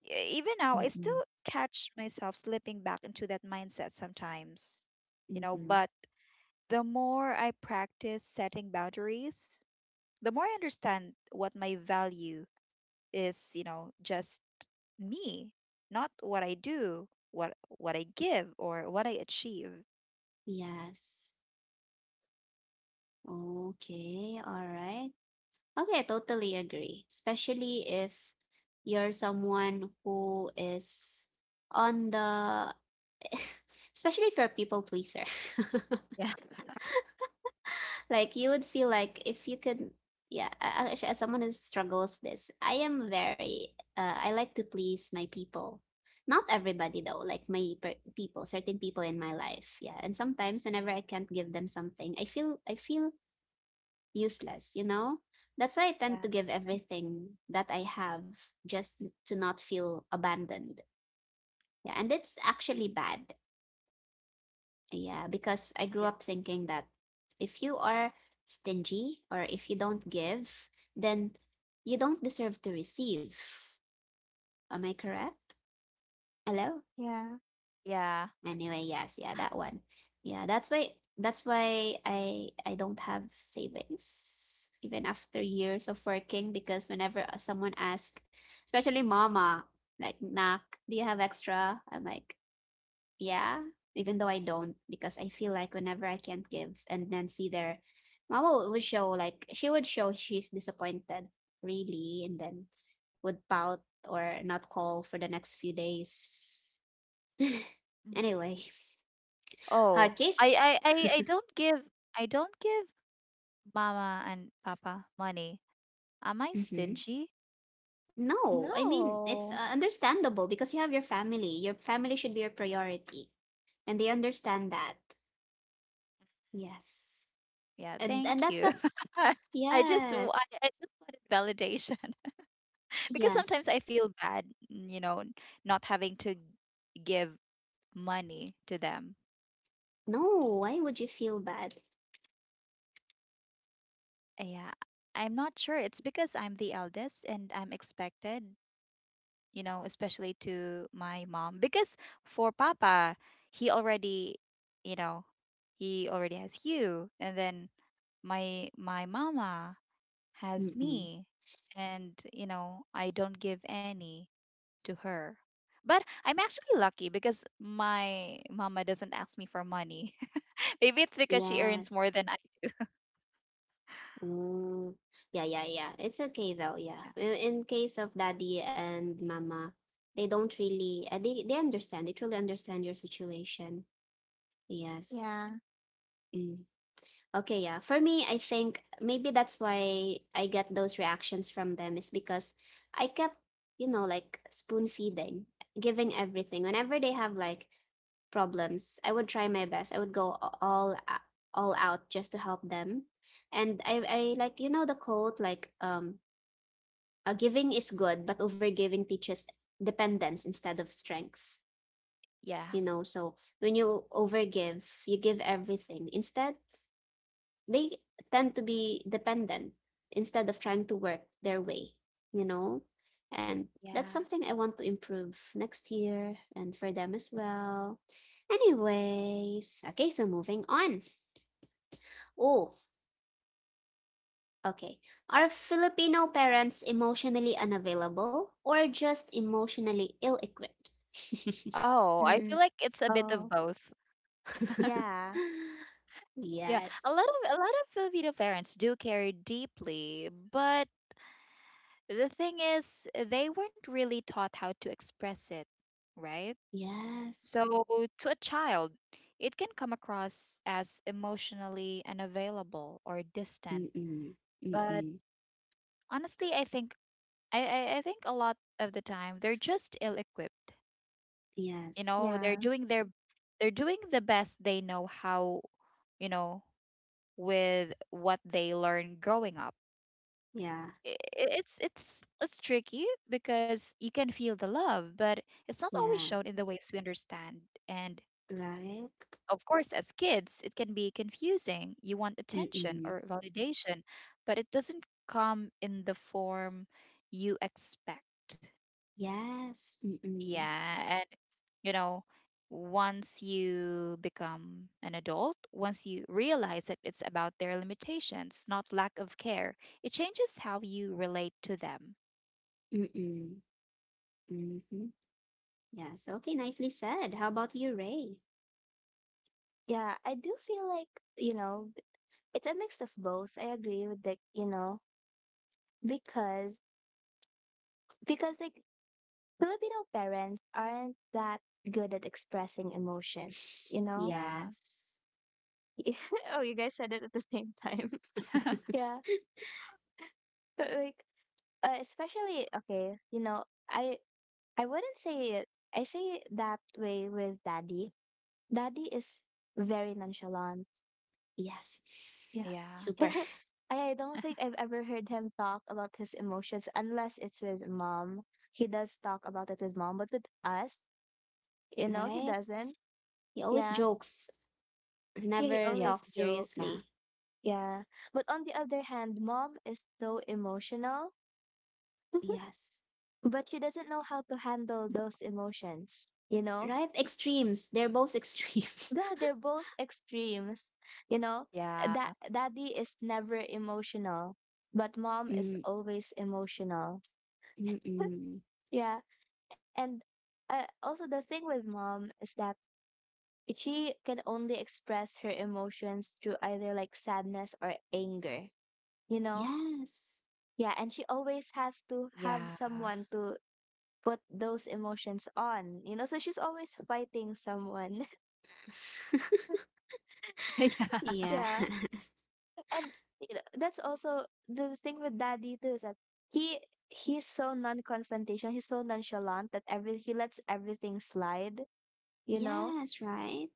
Even now, I Mm-mm. still catch myself slipping back into that mindset sometimes, you know, Mhm. but the more I practice setting boundaries, the more I understand what my value is, you know. Just me, not what I do, what I give or what I achieve. Yes. Okay. All right. Okay, I totally agree. Especially if you're someone who is on the, (laughs) especially if you're a people pleaser. (laughs) Yeah. Like you would feel like if you could, yeah, actually, as someone who struggles this, I am very, I like to please my people. Not everybody though, like people, certain people in my life. Yeah. And sometimes whenever I can't give them something, I feel useless, you know? That's why I tend Yeah. to give I- everything that I have just to not feel abandoned. Yeah, and it's actually bad. Yeah, because I grew Yeah. up thinking that if you are stingy or if you don't give, then you don't deserve to receive. Am I correct? Hello? Yeah. Yeah. Anyway, yes, yeah, that one. Yeah, that's why I don't have savings even after years of working because whenever someone asks, especially mama, like, "Nak, do you have extra?" I'm like, "Yeah," even though I don't because I feel like whenever I can't give and then see their mama would show, like she would show she's disappointed really, and then would pout or not call for the next few days. (laughs) Mhm. Anyway, Oh, I, Huggies? I, I, I don't give, I don't give mama and papa money. Am I Mm-hmm. stingy? No, I mean, it's No. understandable because you have your family. Your family should be your priority, and they understand that. Yes. Yeah, And thank that's you. what's (laughs) I just w- yes. I just wanted validation, (laughs) because Yes. sometimes I feel bad, you know, not having to give money to them. No, why would you feel bad? Yeah, I'm not sure. It's because I'm the eldest and I'm expected, you know, especially to my mom. Because for Papa, he already, you know, he already has you, and then my mama has Mm-mm. me, and you know, I don't give any to her. But I'm actually lucky because my mama doesn't ask me for money. (laughs) Maybe it's because she earns Yes. more than I. Mm. Yeah, yeah, yeah. It's okay though, yeah. In case of daddy and mama, they don't really they understand. They truly understand your situation. Yes. Yeah. Mm. Okay, yeah. For me, I think maybe that's why I get those reactions from them is because I kept, you know, like spoon feeding, giving everything. Whenever they have like problems, I would try my best. I would go a- all out just to help them. And I like, you know, the quote like giving is good, but overgiving teaches dependence instead of strength. Yeah, You know, so when you overgive, you give everything. Instead, they tend to be dependent instead of trying to work their way, you know? And that's yeah. something I want to improve next year and for them as well. Anyways, okay, so moving on. Oh, okay. Are Filipino parents emotionally unavailable or just emotionally ill equipped? (laughs) Oh, I feel Mm. like it's a bit of Oh. both. Yeah. Yeah, Yes. a lot of Filipino parents do care deeply, but the thing is, they weren't really taught how to express it, right? Yes. So to a child, it can come across as emotionally unavailable or distant. Mm-mm. But Mm-mm. honestly, I think, I think a lot of the time they're just ill-equipped. You know, Yes. they're Yeah. doing their, they're doing the best they know how, you know, with what they learned growing up. Yeah. I- i- It's it's tricky because you can feel the love, but it's not always Yeah. shown in the ways we understand. And Right? of course, as kids, it can be confusing. You want attention or Mm-mm. validation, but it doesn't come in the form you expect. Yes. Mm-mm. Yeah, you know, once you become an adult, once you realize that it's about their limitations, not lack of care, it changes how you relate to them. Mm-mm. Mm-hmm. Yes. Okay, nicely said. How about you, Ray? Yeah, I do feel like, you know, it's a mix of both. I agree with the, you know, because because like Filipino parents aren't that good at expressing emotion, you (laughs) know? Yeah. Yes. (laughs) Oh, you guys said it at the same time. (laughs) (laughs) (laughs) Yeah. (laughs) Like especially okay, you know, I I wouldn't say it. I say it that way with daddy. Daddy is very nonchalant. Yes. Yeah. Yeah. (laughs) Super. I don't think I've ever heard him talk about his emotions unless it's with mom. He does talk about it with mom, but with us, you know, he Right? doesn't. He always Yeah. jokes, Yeah, he never Yeah. always talks joke. seriously. Yeah. But on the other hand, mom is so emotional, (laughs) Yes. but she doesn't know how to handle those emotions, you know? Right? Extremes. They're both extremes. Yeah, they're both Yeah. extremes, you know? That daddy is never emotional, but (laughs) mom is Mm, always emotional. (laughs) mm-mm. Yeah. And also, the thing with mom is that she can only express her emotions through either like sadness or anger, you know? Yes. Yeah, and she Yeah. always has to have someone to put those emotions on, you know? So she's always fighting someone. (laughs) (laughs) Yeah. (laughs) Yeah. yeah. (laughs) And you know, that's also the thing with daddy too is that he he's so non-confrontational, he's so nonchalant that every he lets everything slide, you know? Yes, right?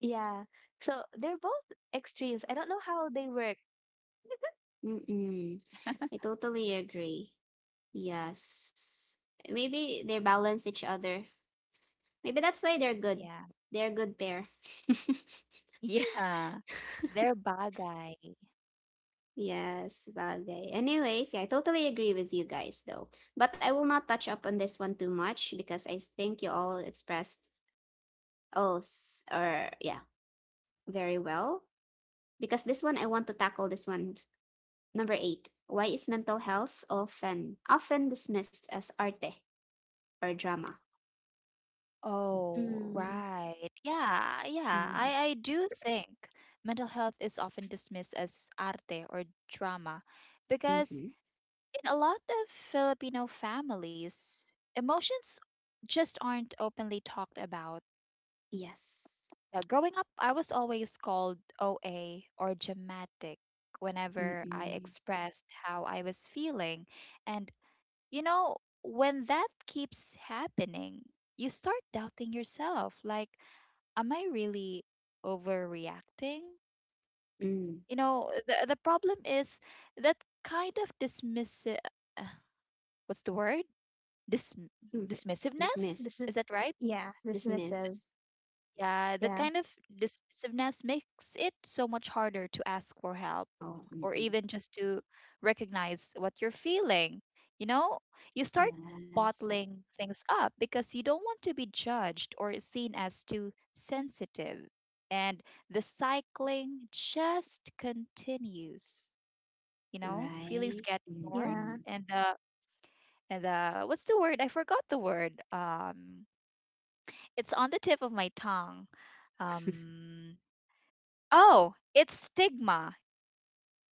Yeah. So they're both extremes. I don't know how they work. Mm-mm. (laughs) I totally agree. Yes. Maybe they balance each other. Maybe that's why they're good. Yeah. They're a good pair. (laughs) Yeah, they're bagay. Yes, bagay. Anyways, yeah, I totally agree with you guys though. But I will not touch up on this one too much because I think you all expressed all s- or yeah, very well. Because this one, I want to tackle this one. Number 8. Why is mental health often dismissed as arte or drama? Oh Mm. right, yeah, yeah, I do think mental health is often dismissed as arte or drama because Mm-hmm. in a lot of Filipino families, emotions just aren't openly talked about. Yes. Growing up, I was always called OA or dramatic whenever I Mm, expressed how I was feeling. And, you know, when that keeps happening, you start doubting yourself. Like, am I really overreacting? mm, You know, the problem is that kind of dismissive, what's the word? dis- mm. Dismissiveness. This Dismiss. is, Is that right? yeah, dismissive. Dismiss. Yeah, that Yeah. kind of dismissiveness makes it so much harder to ask for help Oh, or mm-mm. even just to recognize what you're feeling. You know, you start Yes. bottling things up because you don't want to be judged or seen as too sensitive. And the cycling just continues. You know, feelings Right. get ignored, Yeah. Mm-mm. and the, and the what's the word? I forgot the word. It's on the tip of my tongue. Um, oh, it's stigma.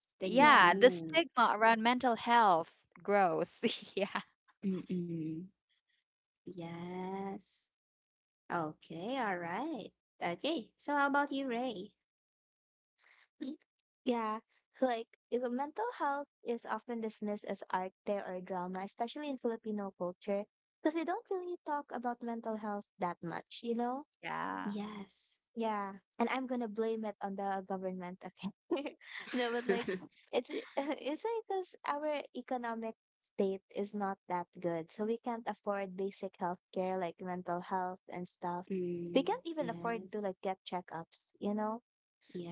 Stigma. Yeah, Yeah. the Mm. stigma around mental health. Gross. (laughs) Yeah. Mm-mm. Yes. Okay, all right. Okay, so how about you, Ray? Mm. Yeah. Like, if a mental health is often dismissed as arte or drama, especially in Filipino culture, because we don't really talk about mental health that much, you know? Yeah. Yes. Yeah, and I'm gonna blame it on the government. Okay, (laughs) no, but like (laughs) it's (laughs) it's like because our economic state is not that good, so we can't afford basic healthcare like mental health and stuff. We Mm, can't even afford to yes. like get checkups, you know.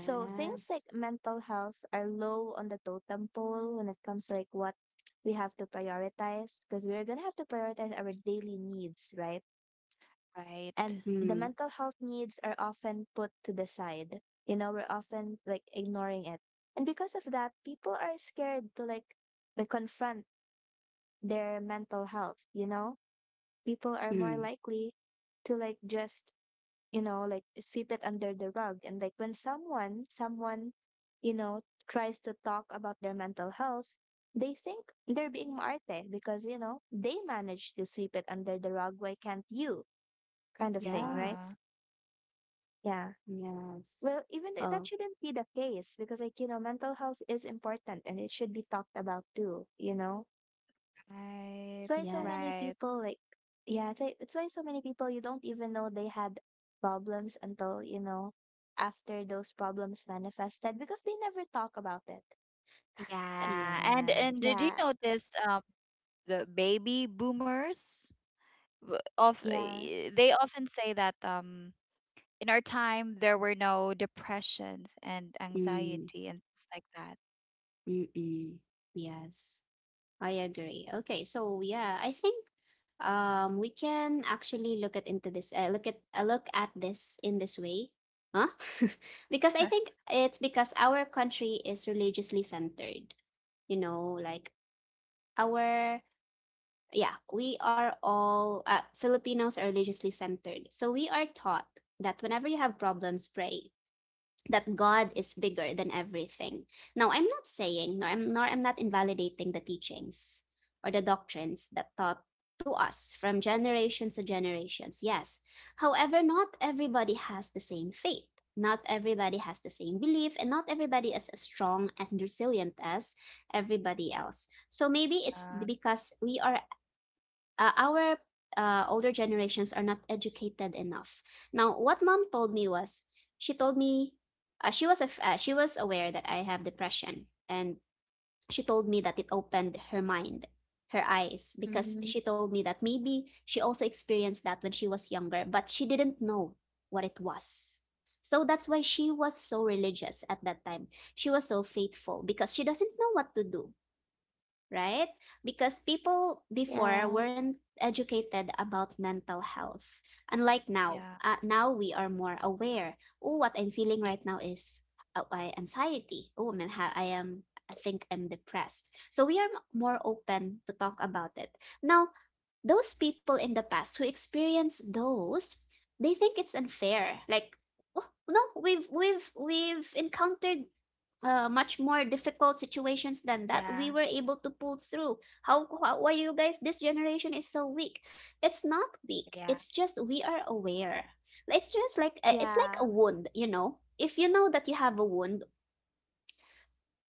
So things like mental health are low on the totem pole when it comes to like what we have to prioritize because we're gonna have to prioritize our daily needs, right? Right. And the Mm, mental health needs are often put to the side you know we're often like ignoring it and because of that people are scared to like confront their mental health you know people are more mm. likely to like just you know like sweep it under the rug and like when someone you know tries to talk about their mental health they think they're being maarte because you know they managed to sweep it under the rug why can't you kind of thing right Yeah. Yes. yeah. Yes. Well, that Oh, shouldn't be the case because, like, you know, mental health is important and it should be talked about too, you know? That's Right. why so many yes. Right. people, like, yeah, it's why so many people, you don't even know they had problems until, you know, after those problems manifested because they never talk about it. Uh, Yeah, and did Yes. you Yeah, notice the baby boomers w- of yeah, eh, they often say that in our time there were no depressions and Mm. anxiety and things like that. Mm. Yes, I agree. Okay, so yeah, I think we can actually look at into this look at this in this way. Huh? (laughs) Because I think it's because our country is religiously centered. You know, like our yeah, we are all Filipinos are religiously centered. So we are taught that whenever you have problems, pray that God is bigger than everything. Now, I'm not saying, nor I'm, nor I'm not invalidating the teachings or the doctrines that taught to us from generations to generations. Yes. However, not everybody has the same faith. Not everybody has the same belief, and not everybody is as strong and resilient as everybody else. So maybe it's Yeah, because we are our older generations are not educated enough. Now, what mom told me was she told me she was she was aware that I have depression, and she told me that it opened her mind, her eyes, because mm-hmm, she told me that maybe she also experienced that when she was younger, but she didn't know what it was. So that's why she was so religious at that time. She was so faithful because she doesn't know what to do, right? Because people before yeah, weren't educated about mental health. Unlike now, yeah, now we are more aware. Oh, what I'm feeling right now is anxiety. I am. I think I'm depressed. So we are more open to talk about it. Now, those people in the past who experience those, they think it's unfair. Like, oh, no, we've encountered much more difficult situations than that we yeah, were able to pull through. How, why you guys this generation is so weak? It's not weak, yeah. it's just we are aware. It's just like it's like a yeah, wound, you know, if you know that you have a wound,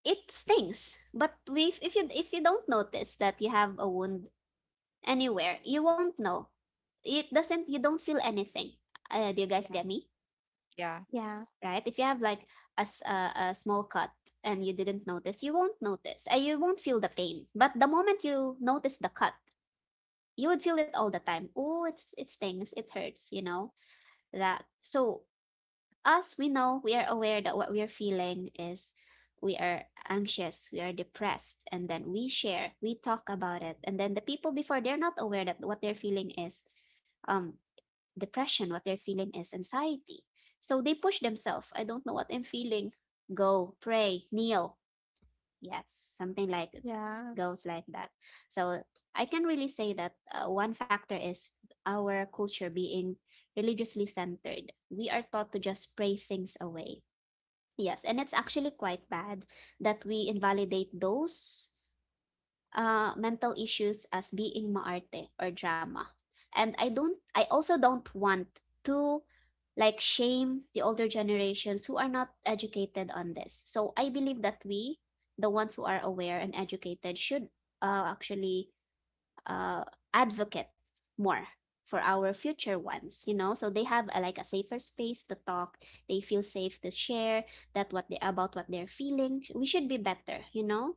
it stings, but we, if you, if you don't notice that you have a wound anywhere, you won't know. It doesn't, you don't feel anything. Do you guys Yeah. get me, Yeah. yeah, right? If you have like a small cut and you didn't notice, you won't notice. You won't feel the pain. But the moment you notice the cut, you would feel it all the time. Oh, it's, it stings, it hurts, you know? That, so us, we know, we are aware that what we are feeling is, we are anxious, we are depressed, and then we share, we talk about it. And then the people before, they're not aware that what they're feeling is um depression, what they're feeling is anxiety. So they push themselves. I don't know what I'm feeling. Go, pray, kneel. Yes, something like that, yeah, goes like that. So I can really say that one factor is our culture being religiously centered. We are taught to just pray things away. Yes, and it's actually quite bad that we invalidate those mental issues as being maarte or drama. And I don't, I also don't want to, like, shame the older generations who are not educated on this. So I believe that we, the ones who are aware and educated, should actually uh, advocate more for our future ones, you know, so they have a, like a safer space to talk, they feel safe to share that what they, about what they're feeling, we should be better, you know.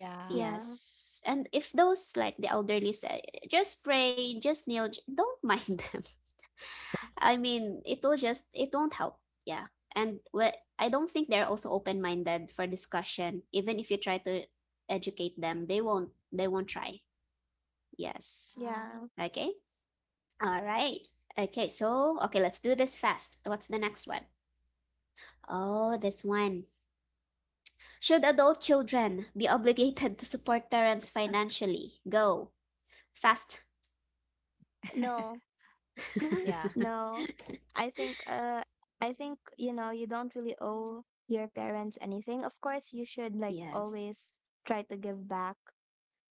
Yeah. yeah, Yes. And if those like the elderly say, just pray, just kneel, don't mind (laughs) them. I mean, it will just, it won't help. Yeah. And well, I don't think they're also open minded for discussion. Even if you try to educate them, they won't try. Yes. Uh, yeah, Okay. All right. Okay. So, okay, let's do this fast. What's the next one? Oh, this one. Should adult children be obligated to support parents financially? Go. Fast. (laughs) No, yeah. (laughs) (laughs) no, I think uh I think you know you don't really owe your parents anything. Of course, you should like Yes. always try to give back,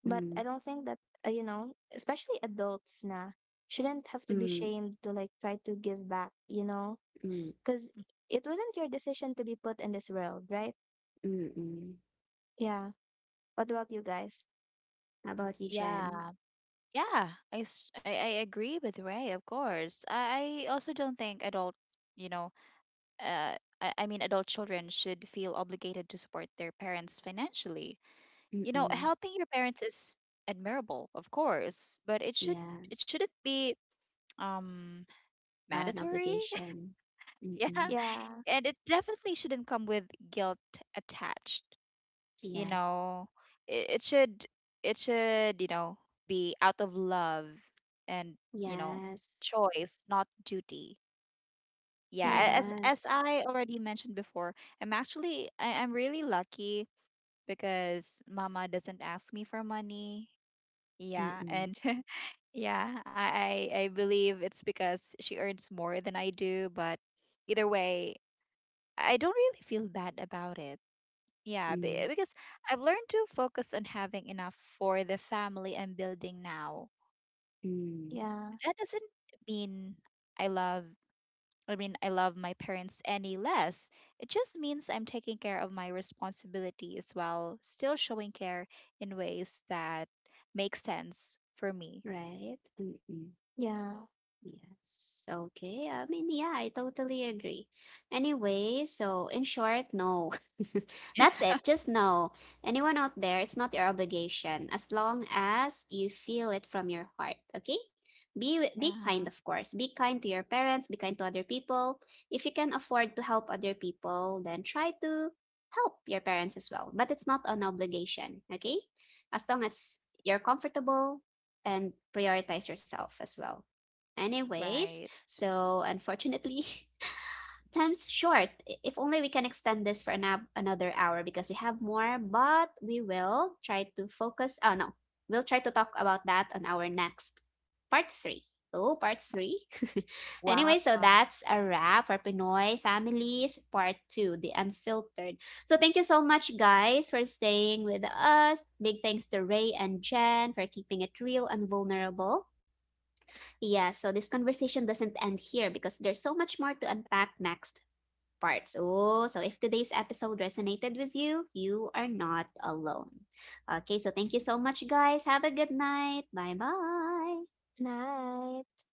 but Mm, I don't think that you know, especially adults na shouldn't have to be mm, shamed to like try to give back, you know? mm, Because it wasn't your decision to be put in this world, right? mm, mm. Yeah. What about you guys? How about you, Jen? Yeah. Yeah. I, s- I agree with Ray, of course. I also don't think adult, you know, uh, I mean, adult children should feel obligated to support their parents financially. You know, Mm-mm. helping your parents is admirable, of course, but it should, Yeah. it shouldn't be um Are an mandatory. obligation. (laughs) Yeah. Mm-mm. Yeah. And it definitely shouldn't come with guilt attached. You Yes. know, it should, it should, you know, be out of love and, you know, Yes. choice, not duty. Yeah, a- Yeah. As Yes. I already mentioned before, I'm actually, I'm really lucky because mama doesn't ask me for money, yeah, Mm-mm. and (laughs) yeah, I I believe it's because she earns more than I do, but either way, I don't really feel bad about it. Mm, Yeah, mm. because I've learned to focus on having enough for the family I'm building now. Mm. Yeah. That doesn't mean I love, I mean, I love my parents any less. It just means I'm taking care of my responsibilities while still showing care in ways that make sense for me. (laughs) Right? Mm-mm. Yeah. Yes. Okay. I mean, yeah, I totally agree. Anyway, so in short, no. (laughs) Yeah. That's it. Just no. Anyone out there, it's not your obligation as long as you feel it from your heart, okay? Be kind, Yeah, of course. Be kind to your parents, be kind to other people. If you can afford to help other people, then try to help your parents as well. But it's not an obligation, okay? As long as you're comfortable and prioritize yourself as well. Anyways, right. so unfortunately, (laughs) time's short. If only we can extend this for another hour because we have more, but we will try to focus. Oh, no. We'll try to talk about that on our next part three. Oh, part three. (laughs) Anyway, so Wow. that's a wrap for Pinoy Families Part Two, The Unfiltered. So thank you so much, guys, for staying with us. Big thanks to Ray and Jen for keeping it real and vulnerable. Yeah, so this conversation doesn't end here because there's so much more to unpack next parts. Oh, so if today's episode resonated with you, you are not alone. Okay, so thank you so much, guys. Have a good night. Bye bye. Night.